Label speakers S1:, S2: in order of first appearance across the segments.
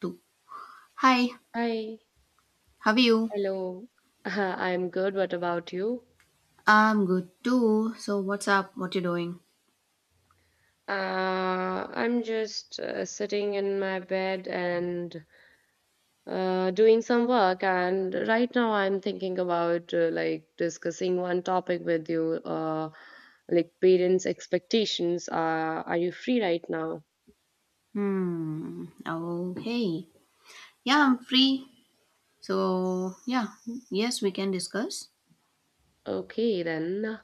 S1: Two. Hi,
S2: Hi,
S1: how are you?
S2: hello. I'm good. What about you?
S1: I'm good too. So what's up? What you doing?
S2: I'm just sitting in my bed and doing some work. And right now, I'm thinking about like discussing one topic with you, like parents' expectations. Are you free right now?
S1: Hmm. Okay. Yeah, I'm free. So yeah, yes, we can discuss.
S2: Okay, then.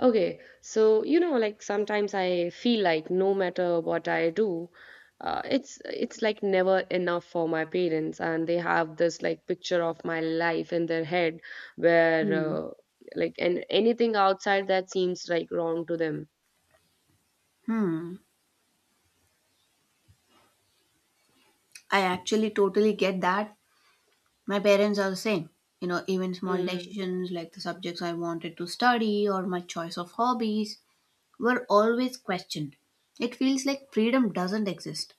S2: Okay, so you know, like sometimes I feel like no matter what I do, it's like never enough for my parents, and they have this like picture of my life in their head where
S1: Hmm.
S2: uh, like and anything outside that seems like wrong to them.
S1: Hmm. I actually totally get that. My parents are the same. You know, even small
S2: Mm,
S1: decisions like the subjects I wanted to study or my choice of hobbies were always questioned. It feels like freedom doesn't exist.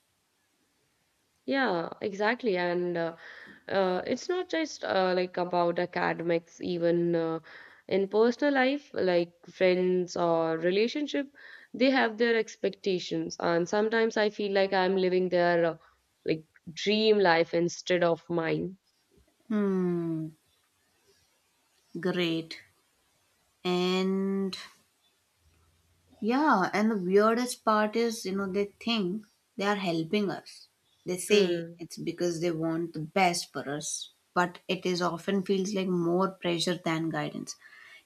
S2: yeah, exactly. And it's not just like about academics even in personal life like friends or relationship they have their expectations and sometimes I feel like I'm living their like dream life instead of mine.
S1: Hmm. Great. And yeah, and the weirdest part is, they think they are helping us. They say
S2: Hmm.
S1: it's because they want the best for us, but it is often feels like more pressure than guidance.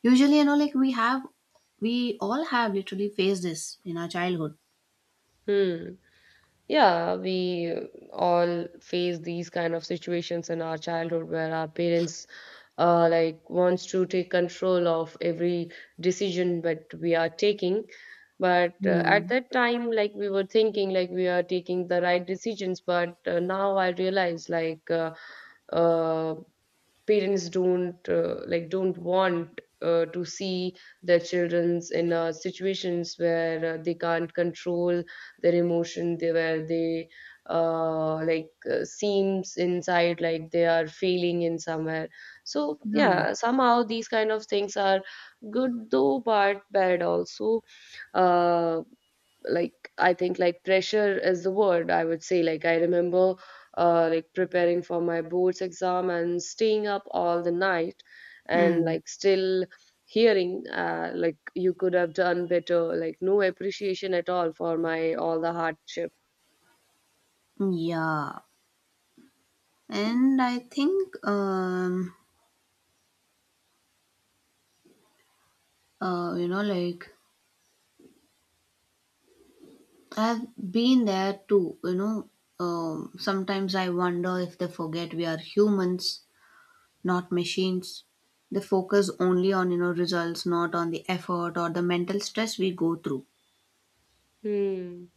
S1: Usually, like we all have literally faced this in our childhood.
S2: Hmm. Yeah, we all face these kind of situations in our childhood where our parents like wants to take control of every decision that we are taking. But at
S1: Hmm.
S2: that time, like we were thinking like we are taking the right decisions. But now I realize like uh, parents don't like don't want to see their childrens in situations where they can't control their emotion they where they like seems inside like they are failing in somewhere. So
S1: Hmm.
S2: yeah, somehow these kind of things are good though but bad also. uh, like I think like pressure is the word I would say, like I remember like preparing for my boards exam and staying up all the night and
S1: Hmm.
S2: like still hearing like you could have done better, like no appreciation at all for my all the hardship.
S1: Yeah, and I think, uh, you know, like I've been there too. Sometimes I wonder if they forget we are humans, not machines. They focus only on, results, not on the effort or the mental stress we go through.
S2: Hmm.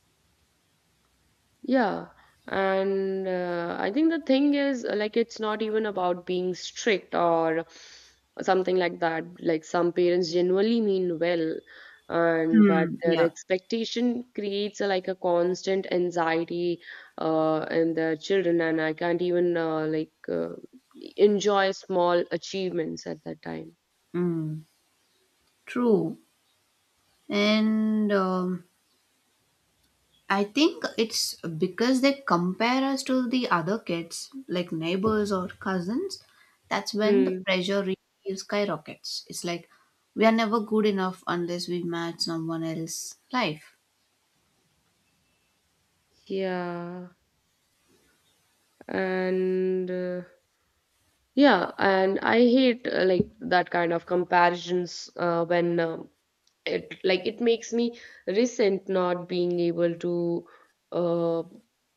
S2: Yeah, and I think the thing is like it's not even about being strict or something like that. Like some parents genuinely mean well, and but
S1: Hmm.
S2: their
S1: Yeah.
S2: expectation creates a, like a constant anxiety in their children, and I can't even enjoy small achievements at that time.
S1: Mm, true. And I think it's because they compare us to the other kids, like neighbors or cousins. That's when the
S2: Hmm.
S1: pressure really skyrockets. It's like we are never good enough unless we match someone else's life.
S2: Yeah, and. Yeah, and I hate like that kind of comparisons when it like it makes me resent not being able to uh,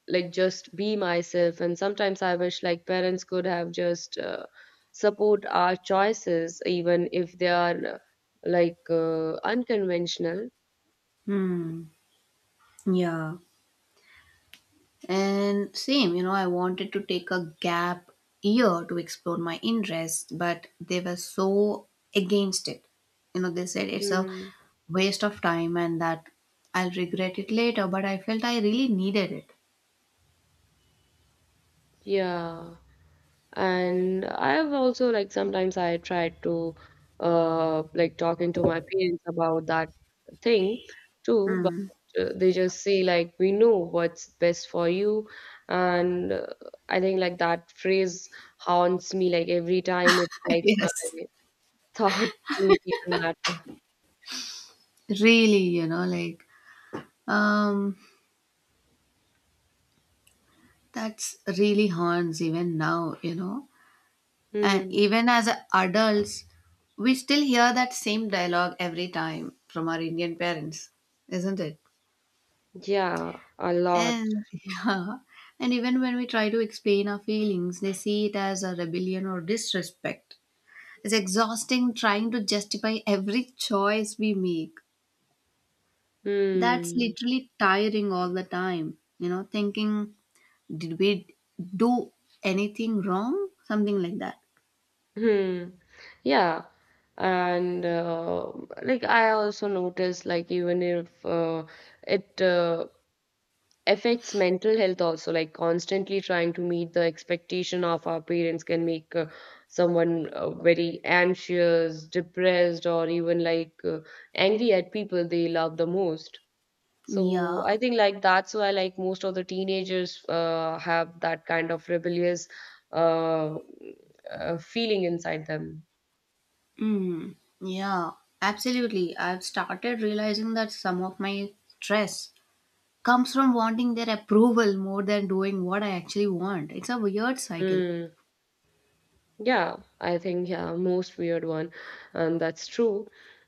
S2: like just be myself. And sometimes I wish like parents could have just support our choices, even if they are unconventional.
S1: Hmm. Yeah. And same, I wanted to take a gap year to explore my interests, but they were so against it. You know, they said it's a
S2: Hmm.
S1: waste of time and that I'll regret it later, but I felt I really needed it.
S2: Yeah. And I have also like sometimes I tried to like talking to my parents about that thing too, but
S1: Mm.
S2: they just say like we know what's best for you. And I think like that phrase haunts me like every time, it's like my
S1: Yes.
S2: thought don't even matter.
S1: Really, you know, like um that's really haunts even now, you know. And
S2: Hmm.
S1: even as adults, we still hear that same dialogue every time from our Indian parents, isn't it?
S2: Yeah, a lot.
S1: And yeah, and even when we try to explain our feelings, they see it as a rebellion or disrespect. It's exhausting trying to justify every choice we make. That's
S2: Hmm.
S1: literally tiring all the time. You know, thinking, did we do anything wrong? Something like that.
S2: Hmm. Yeah. And like I also notice like even if it affects mental health also, like constantly trying to meet the expectation of our parents can make someone very anxious, depressed or even angry at people they love the most. So I
S1: Yeah.
S2: think like that's why like most of the teenagers have that kind of rebellious uh, feeling inside them.
S1: Mm, yeah, absolutely. I've started realizing that some of my stress comes from wanting their approval more than doing what I actually want. It's a weird cycle.
S2: Mm, yeah, I think yeah, most weird one, and that's true.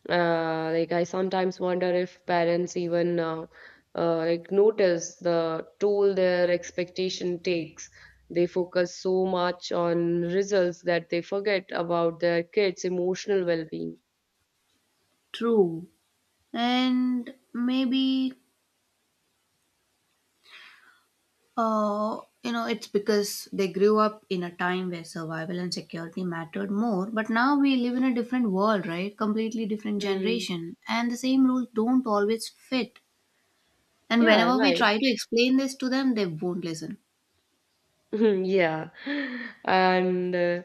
S2: Like I sometimes wonder if parents even like notice the toll their expectation takes. They focus so much on results that they forget about their kids' emotional well-being.
S1: True. And maybe, uh, you know, it's because they grew up in a time where survival and security mattered more. But now we live in a different world, right? Completely different
S2: Mm,
S1: generation. And the same rules don't always fit. And
S2: yeah,
S1: whenever we
S2: right.
S1: try to explain this to them, they won't listen.
S2: Yeah. And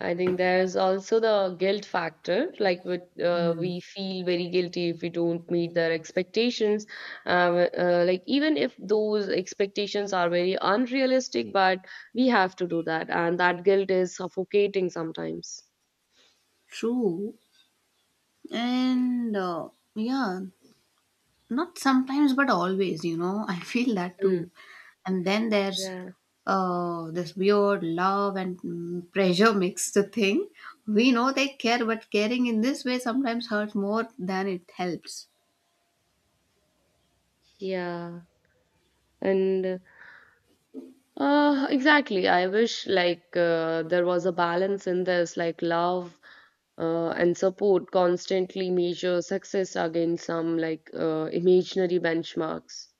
S2: I think there's also the guilt factor. Like with, we feel very guilty if we don't meet their expectations. Like even if those expectations are very unrealistic, but we have to do that, and that guilt is suffocating sometimes.
S1: True. And yeah, not sometimes, but always, you know. I feel that
S2: Mm,
S1: too. And then there's
S2: yeah,
S1: this weird love and pressure mixed thing. We know they care, but caring in this way sometimes hurts more than it helps.
S2: yeah. And exactly. I wish like there was a balance in this, like love and support, constantly measure success against some imaginary benchmarks.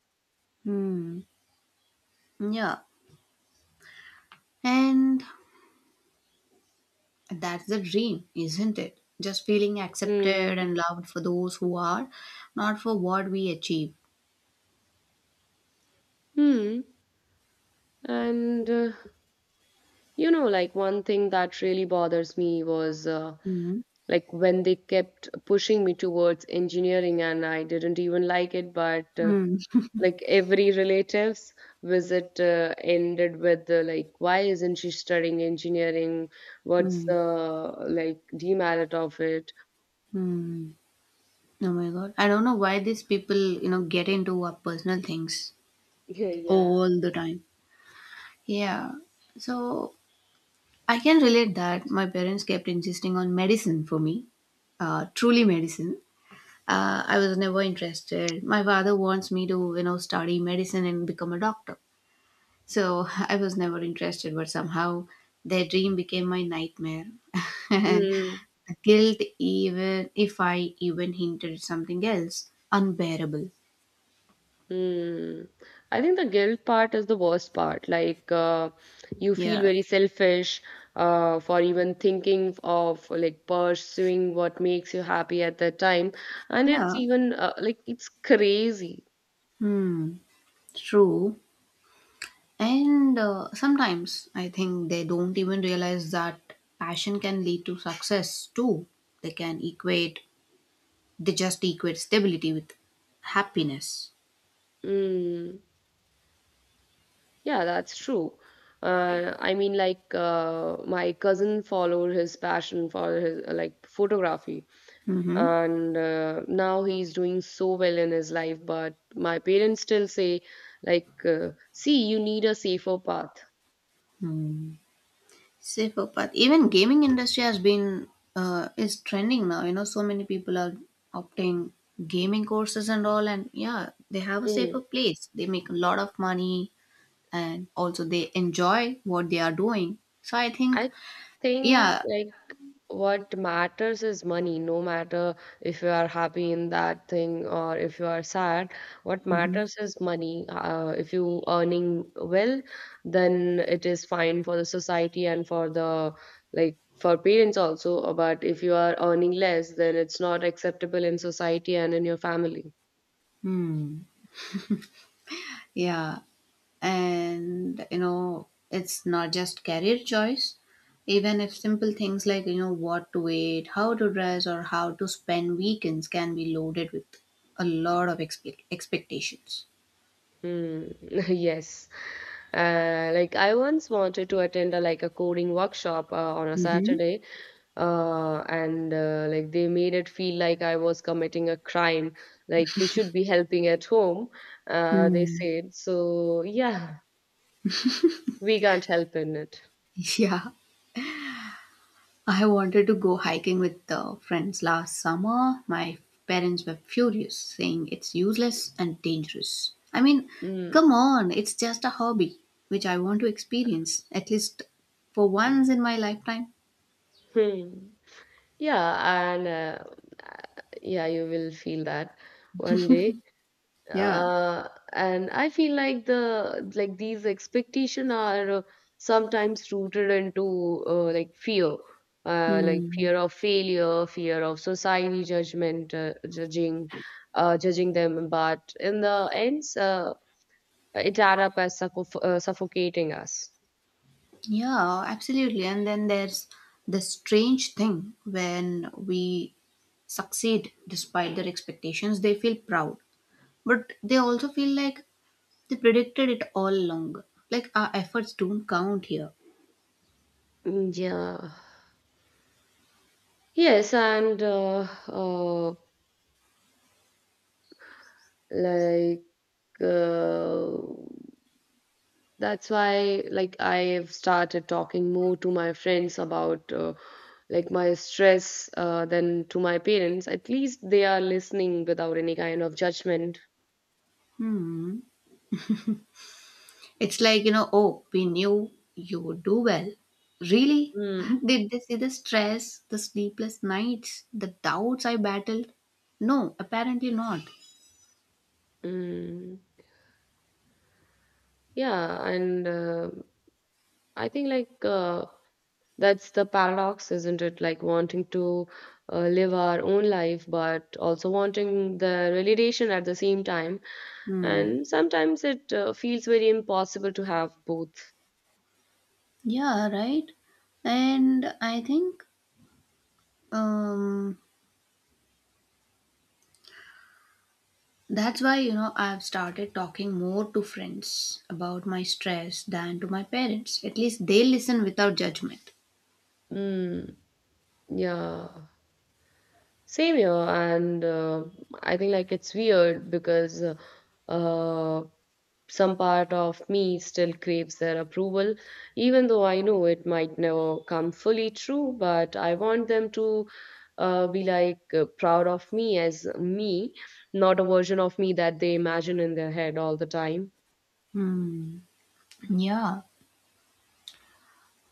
S1: Hmm. Yeah. And that's the dream, isn't it? Just feeling accepted
S2: Mm.
S1: and loved for those who are, not for what we achieve.
S2: Hmm. And you know, like one thing that really bothers me was
S1: Hmm.
S2: like when they kept pushing me towards engineering, and I didn't even like it, but
S1: Hmm.
S2: like every relative's visit ended with like why isn't she studying engineering, what's
S1: Hmm.
S2: the like demerit of it.
S1: Hmm. Oh my god. I don't know why these people, get into our personal things
S2: Yeah, yeah.
S1: all the time. Yeah. So I can relate that. My parents kept insisting on medicine for me, truly medicine. I was never interested. My father wants me to, study medicine and become a doctor. So I was never interested, but somehow their dream became my nightmare. And
S2: Hmm.
S1: guilt, even if I even hinted something else, unbearable.
S2: Hmm. I think the guilt part is the worst part. Like, you feel
S1: Yeah.
S2: very selfish, for even thinking of like pursuing what makes you happy at that time, and it's
S1: Yeah,
S2: even it's crazy.
S1: hmm, true. And sometimes I think they don't even realize that passion can lead to success too. They can equate, they just equate stability with happiness.
S2: Hmm. Yeah, that's true. I mean, like my cousin followed his passion for his like photography, and now he's doing so well in his life. But my parents still say, like, see, you need a safer path.
S1: Hmm. Safer path. Even gaming industry has been is trending now. You know, so many people are opting gaming courses and all, and yeah, they have a safer
S2: Mm.
S1: place. They make a lot of money, and also they enjoy what they are doing. So I think,
S2: I think
S1: yeah.
S2: like what matters is money, no matter if you are happy in that thing or if you are sad. What
S1: Mhm.
S2: matters is money. If you earning well, then it is fine for the society and for the like for parents also. But if you are earning less, then it's not acceptable in society and in your family.
S1: Hmm. Yeah. And, you know, it's not just career choice. Even if simple things like, you know, what to eat, how to dress, or how to spend weekends can be loaded with a lot of expectations.
S2: Hmm. Yes. Like I once wanted to attend a like a coding workshop on a Saturday, and like they made it feel like I was committing a crime, like you should be helping at home, they
S1: Hmm.
S2: said. So yeah, we can't help in it.
S1: Yeah. I wanted to go hiking with friends last summer. My parents were furious, saying it's useless and dangerous. I mean,
S2: Mm.
S1: come on, it's just a hobby, which I want to experience, at least for once in my lifetime.
S2: Hmm. Yeah, and yeah, you will feel that one day.
S1: Yeah.
S2: uh, and I feel like the like these expectation are sometimes rooted into like
S1: Hmm.
S2: fear of failure, fear of society judgment, judging, judging them. But in the ends, it add up as suffocating us.
S1: Yeah, absolutely. And then there's the strange thing when we succeed despite their expectations, they feel proud. But they also feel like they predicted it all along. Like our efforts don't count here.
S2: Yeah. Yes, and like uh, that's why like I've started talking more to my friends about like my stress than to my parents. At least they are listening without any kind of judgment.
S1: Hmm. It's like, you know, oh, we knew you would do well. Really?
S2: Mm,
S1: Did they see the stress, the sleepless nights, the doubts I battled? No, apparently not.
S2: mm, yeah, and I think that's the paradox, isn't it? Like wanting to live our own life, but also wanting the validation at the same time.
S1: Hmm.
S2: And sometimes it feels very impossible to have both.
S1: Yeah, right. And I think um, that's why, you know, I've started talking more to friends about my stress than to my parents. At least they listen without judgment.
S2: Mm. Yeah, same here. And I think like it's weird because uh, some part of me still craves their approval, even though I know it might never come fully true. But I want them to be proud of me as me, not a version of me that they imagine in their head all the time.
S1: Hmm. Yeah.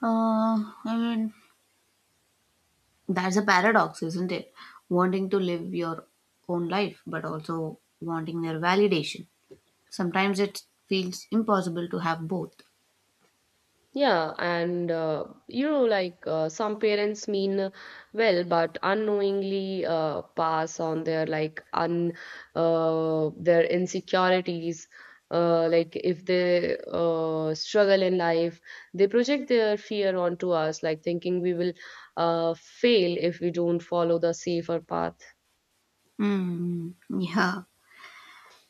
S1: I mean, that's a paradox, isn't it? Wanting to live your own life, but also wanting their validation. Sometimes it feels impossible to have both.
S2: Yeah, and you know, some parents mean well, but unknowingly pass on their like un their insecurities. Like if they struggle in life, they project their fear onto us, like thinking we will fail if we don't follow the safer path.
S1: Hmm. Yeah.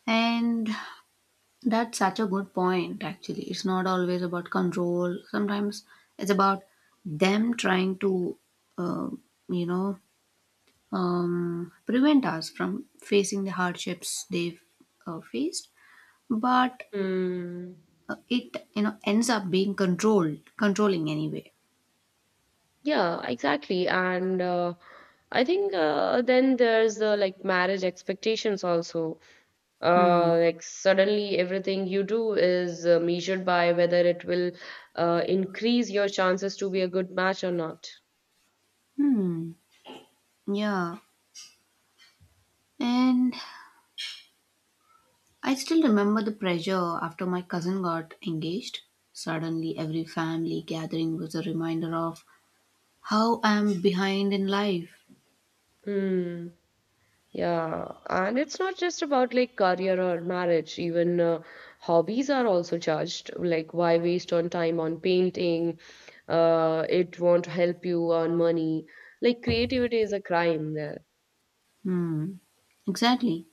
S1: And that's such a good point, actually. It's not always about control. Sometimes it's about them trying to, uh, you know, prevent us from facing the hardships they've faced. But
S2: Hmm.
S1: it you know ends up being controlled controlling anyway.
S2: Yeah, exactly. And I think then there's the like marriage expectations also.
S1: Hmm.
S2: Like suddenly everything you do is measured by whether it will increase your chances to be a good match or not.
S1: Hmm. Yeah, and I still remember the pressure after my cousin got engaged. Suddenly every family gathering was a reminder of how I am behind in life.
S2: Hmm. Yeah, and it's not just about like career or marriage. Even hobbies are also charged. Like, why waste on time on painting? It won't help you earn money. Like, creativity is a crime there.
S1: Hmm. Exactly.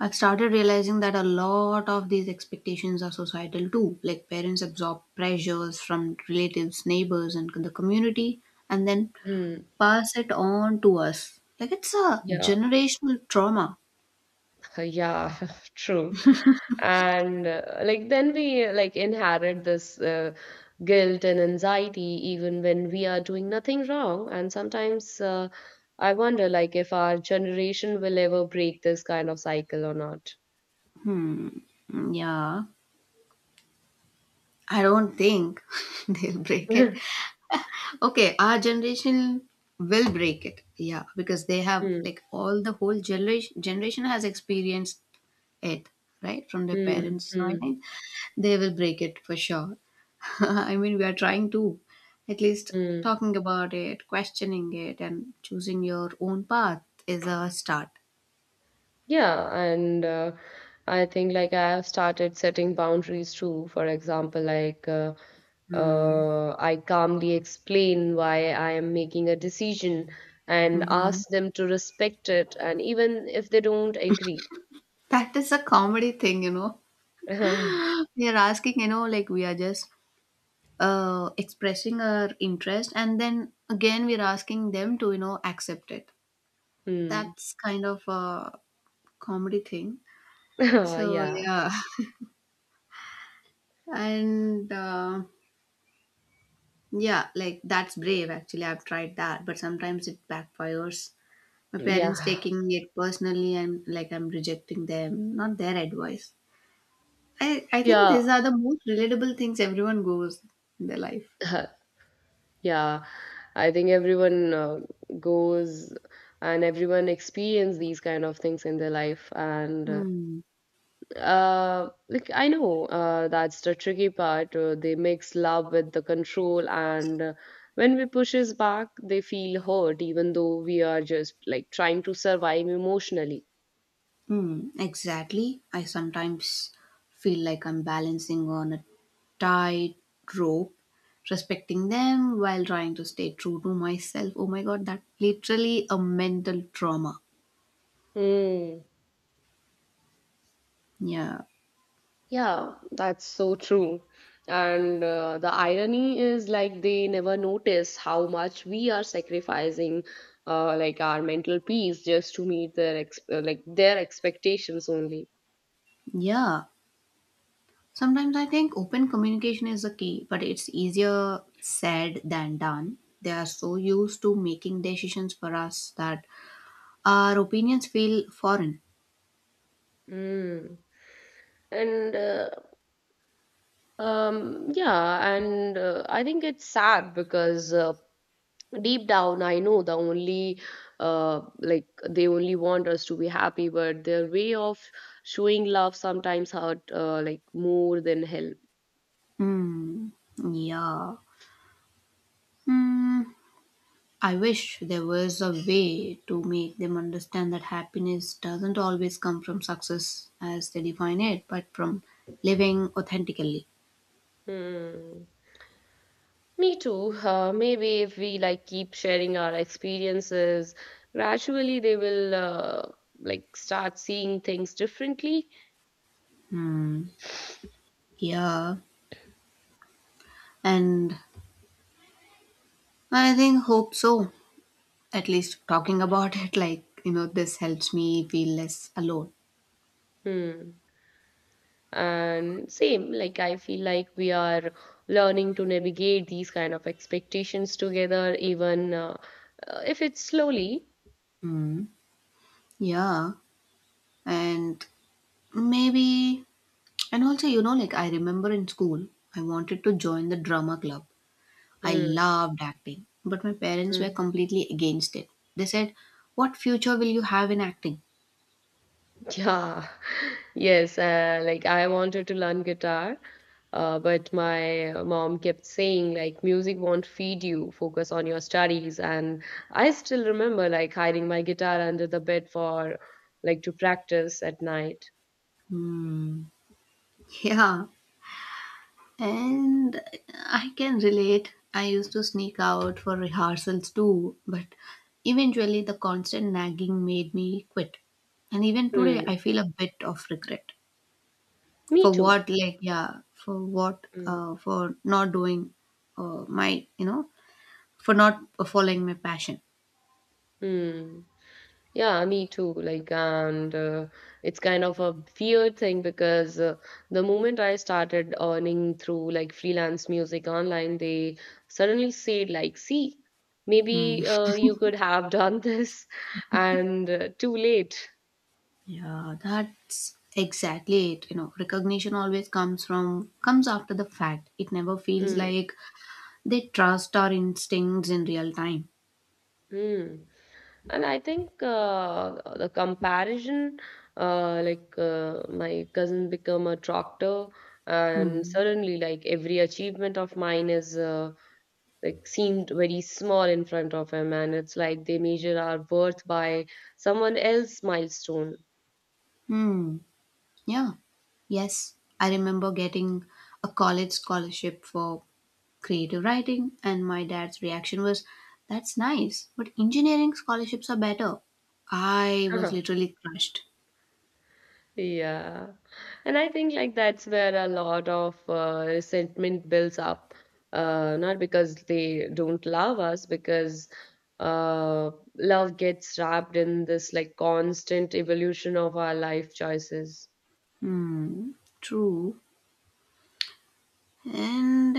S1: I've started realizing that a lot of these expectations are societal too. Like parents absorb pressures from relatives, neighbors, and the community, and then
S2: Hmm.
S1: pass it on to us. Like it's a
S2: Yeah,
S1: generational trauma.
S2: yeah, true. And like then we like inherit this guilt and anxiety even when we are doing nothing wrong, and sometimes I wonder like if our generation will ever break this kind of cycle or not.
S1: Hmm. Yeah. I don't think they'll break it.
S2: mm,
S1: Okay, our generation will break it. Yeah, because they have like all the whole generation has experienced it, right? From their
S2: mm,
S1: parents. So I
S2: mm,
S1: think they will break it for sure. I mean, we are trying to, at least
S2: mm.
S1: talking about it, questioning it, and choosing your own path is a start.
S2: Yeah, and I think like I have started setting boundaries too. For example, like
S1: Hmm.
S2: I calmly explain why I am making a decision and
S1: Mhm.
S2: ask them to respect it, and even if they don't agree.
S1: That is a comedy thing, you know. We are asking, you know, like we are just expressing our interest, and then again we are asking them to, you know, accept it.
S2: Hmm.
S1: That's kind of a comedy thing. So
S2: Yeah.
S1: yeah, and yeah, like that's brave. Actually, I've tried that, but sometimes it backfires. My
S2: Yeah.
S1: parents taking it personally, and like I'm rejecting them, not their advice. I think
S2: Yeah.
S1: these are the most relatable things everyone goes in their life.
S2: Yeah. I think everyone goes and everyone experience these kind of things in their life, and
S1: Hmm.
S2: Like I know that's the tricky part. They mix love with the control, and when we pushes back, they feel hurt, even though we are just like trying to survive emotionally.
S1: Hmm. Exactly. I sometimes feel like I'm balancing on a tight rope, respecting them while trying to stay true to myself. Oh my god, that literally a mental trauma.
S2: Hmm.
S1: Yeah.
S2: Yeah, that's so true. And the irony is like they never notice how much we are sacrificing, like our mental peace just to meet their ex like their expectations only.
S1: Yeah. Sometimes I think open communication is the key, but it's easier said than done. They are so used to making decisions for us that our opinions feel foreign.
S2: Mm. And yeah, and I think it's sad because deep down I know the only like they only want us to be happy, but their way of showing love sometimes hurt like more than help.
S1: Hmm. Yeah. Hmm. I wish there was a way to make them understand that happiness doesn't always come from success as they define it, but from living authentically.
S2: Hmm. Me too. Maybe if we like keep sharing our experiences, gradually they will like start seeing things differently.
S1: Yeah. And I think hope so. At least talking about it, like, you know, this helps me feel less alone.
S2: Hmm. And same, like I feel like we are learning to navigate these kind of expectations together even if it's slowly.
S1: Mm, yeah. And maybe, and also, you know, like I remember in school, I wanted to join the drama club. I
S2: Mm,
S1: loved acting, but my parents were
S2: mm.
S1: completely against it. They said, "What future will you have in acting?"
S2: Yeah. Yes, like I wanted to learn guitar. But my mom kept saying like music won't feed you, focus on your studies. And I still remember like hiding my guitar under the bed for, like, to practice at night.
S1: Hmm, yeah, and I can relate. I used to sneak out for rehearsals too, but eventually the constant nagging made me quit. And even today,
S2: Hmm.
S1: I feel a bit of regret.
S2: Me
S1: For
S2: too.
S1: what, like, yeah, for what,
S2: Mm.
S1: for not doing uh, my, you know, for not following my passion.
S2: Mm. Yeah, me too. Like, and it's kind of a weird thing because the moment I started earning through like freelance music online, they suddenly said like, "See,
S1: Hmm.
S2: maybe you could have done this," and too late.
S1: Yeah, that's exactly it. You know, recognition always comes after the fact. It never feels
S2: Mm.
S1: like they trust our instincts in real time.
S2: Mm. And I think the comparison, my cousin become a doctor, and
S1: Hmm.
S2: suddenly like every achievement of mine is like seemed very small in front of him, and it's like they measure our worth by someone else's milestone.
S1: Hmm. Yeah. Yes, I remember getting a college scholarship for creative writing, and my dad's reaction was, "That's nice, but engineering scholarships are better." I was literally crushed.
S2: Yeah. And I think like that's where a lot of resentment builds up. Not because they don't love us, because uh, love gets wrapped in this like constant evolution of our life choices.
S1: Hmm. True. And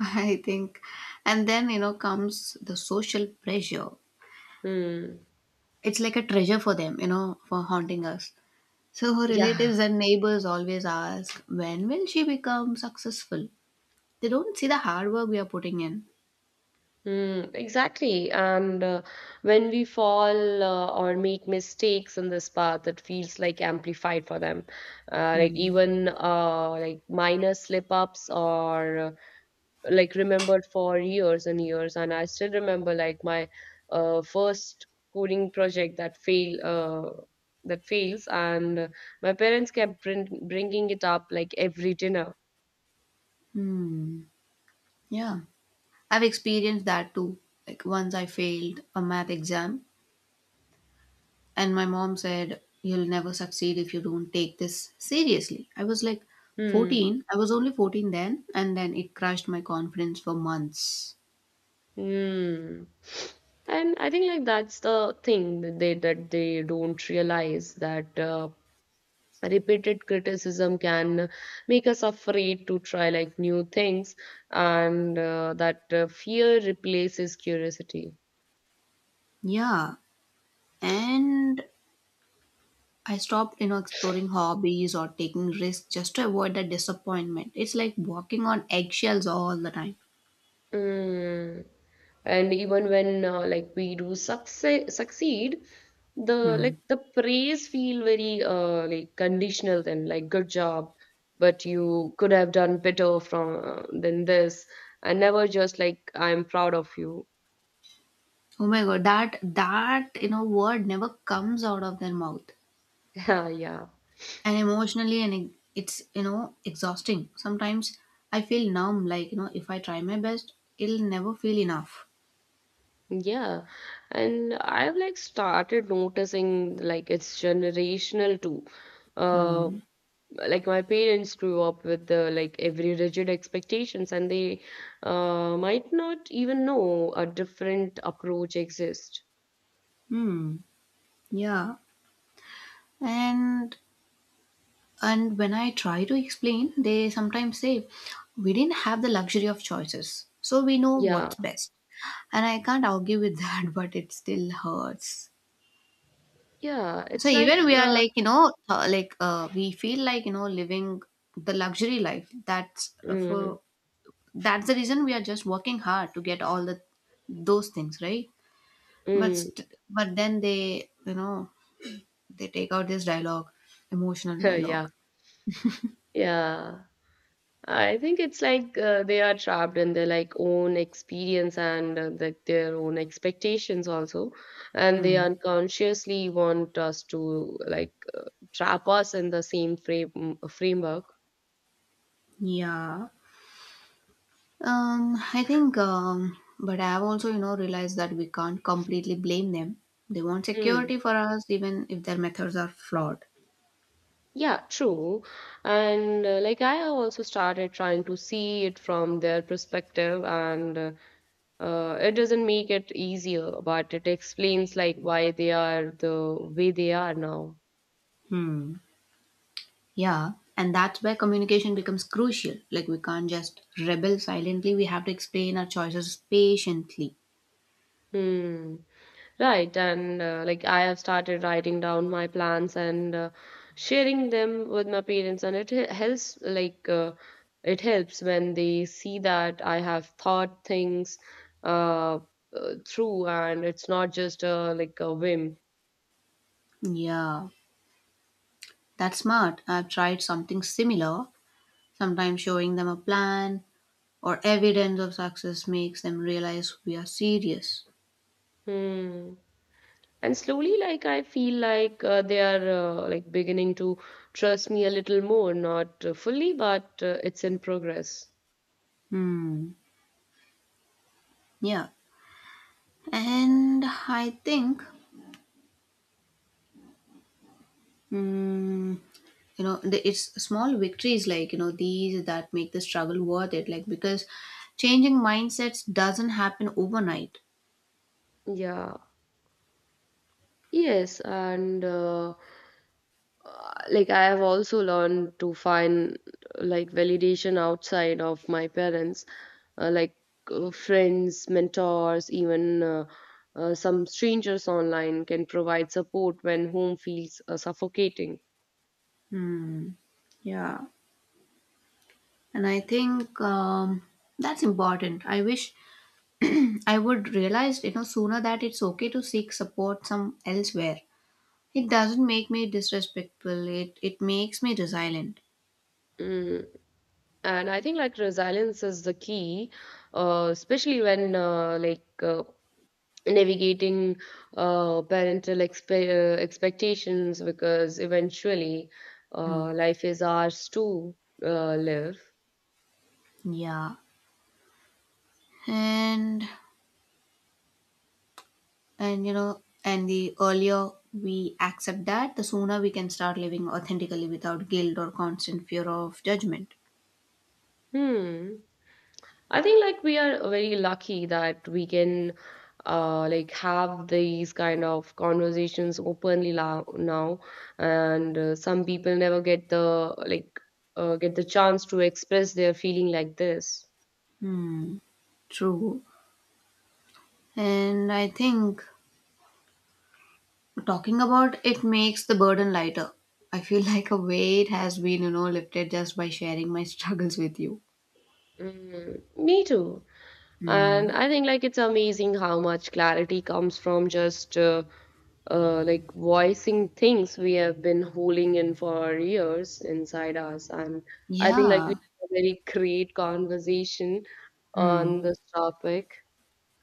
S1: I think. And then, you know, comes the social pressure.
S2: Hmm.
S1: It's like a treasure for them, you know, for haunting us. So her
S2: Yeah.
S1: relatives and neighbors always ask, when will she become successful? They don't see the hard work we are putting in.
S2: Mm, exactly. And when we fall or make mistakes in this path, it feels like amplified for them. Like even like minor slip ups or like remembered for years and years. And I still remember like my first coding project that fails, and my parents kept bringing it up like every dinner.
S1: Hmm. Yeah. I've experienced that too. Like once I failed a math exam and my mom said, "You'll never succeed if you don't take this seriously." I was like
S2: Hmm.
S1: 14. I was only 14 then, and then it crushed my confidence for months.
S2: Hmm. And I think like that's the thing that they don't realize, that repeated criticism can make us afraid to try like new things, and that fear replaces curiosity.
S1: Yeah, and I stopped, you know, exploring hobbies or taking risks just to avoid that disappointment. It's like walking on eggshells all the time.
S2: Mm. And even when like we do succeed, the
S1: Hmm.
S2: like the praise feel very like conditional then like good job, but you could have done better from than this, and never just like I'm proud of you.
S1: Oh my god, that that you know word never comes out of their mouth.
S2: Yeah, yeah.
S1: And emotionally, and it's you know exhausting. Sometimes I feel numb. Like you know, if I try my best, it'll never feel enough.
S2: Yeah, and I've like started noticing like it's generational too. Uh.
S1: Hmm.
S2: Like my parents grew up with the like every rigid expectations, and they might not even know a different approach exists.
S1: Hmm. Yeah. And And when I try to explain, they sometimes say, "We didn't have the luxury of choices, so we know
S2: Yeah,
S1: what's best." And I can't argue with that, but it still hurts.
S2: yeah,
S1: So
S2: it's like
S1: even we are
S2: uh,
S1: like, you know, we feel like, you know, living the luxury life.
S2: mm,
S1: That's the reason we are just working hard to get all the those things, right?
S2: mm,
S1: But then they, you know, they take out this dialogue, emotional
S2: yeah,
S1: dialogue.
S2: yeah. I think it's like they are trapped in their like own experience, and like their own expectations also, and they
S1: Mm.
S2: unconsciously want us to like trap us in the same framework.
S1: Yeah. I think, but I've also, you know, realized that we can't completely blame them. They want
S2: Hmm.
S1: security for us, even if their methods are flawed.
S2: Yeah, true. And like I have also started trying to see it from their perspective, and it doesn't make it easier, but it explains like why they are the way they are now.
S1: Hmm. Yeah, and that's where communication becomes crucial. Like, we can't just rebel silently, we have to explain our choices patiently.
S2: Hmm. Right, and like I have started writing down my plans, and sharing them with my parents, and helps like it helps when they see that I have thought things uh, through, and it's not just like a whim.
S1: Yeah, that's smart. I've tried something similar. Sometimes showing them a plan or evidence of success makes them realize we are serious.
S2: Hmm. And slowly, like I feel like they are like beginning to trust me a little more, not fully, but it's in progress.
S1: Hmm. Yeah, and I think mm, you know it's small victories like you know these that make the struggle worth it, like because changing mindsets doesn't happen overnight.
S2: Yeah. Yes, and like I have also learned to find like validation outside of my parents, uh, like friends, mentors, even some strangers online can provide support when home feels suffocating.
S1: Hmm. Yeah, and I think that's important. I wish I would realize you know sooner that it's okay to seek support some elsewhere. It doesn't make me disrespectful, it makes me resilient.
S2: Mm. And I think like resilience is the key, especially when navigating expectations, because eventually
S1: Hmm.
S2: life is ours to live.
S1: Yeah, and and you know and the earlier we accept that, the sooner we can start living authentically without guilt or constant fear of judgment.
S2: Hmm. I think like we are very lucky that we can like have these kind of conversations openly now, and some people never get the like get the chance to express their feeling like this.
S1: Hmm. True, and I think talking about it makes the burden lighter. I feel like a weight has been you know lifted just by sharing my struggles with you.
S2: Mm, me too.
S1: Hmm.
S2: And I think like it's amazing how much clarity comes from just like voicing things we have been holding in for years inside us. And I think like we
S1: Yeah.
S2: had a very great conversation on
S1: Hmm.
S2: this topic,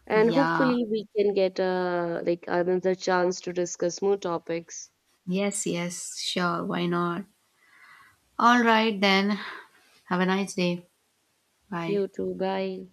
S2: and
S1: Yeah,
S2: hopefully we can get like another chance to discuss more topics.
S1: yes, yes, sure, why not. All right then, have a nice day. Bye.
S2: You too, bye.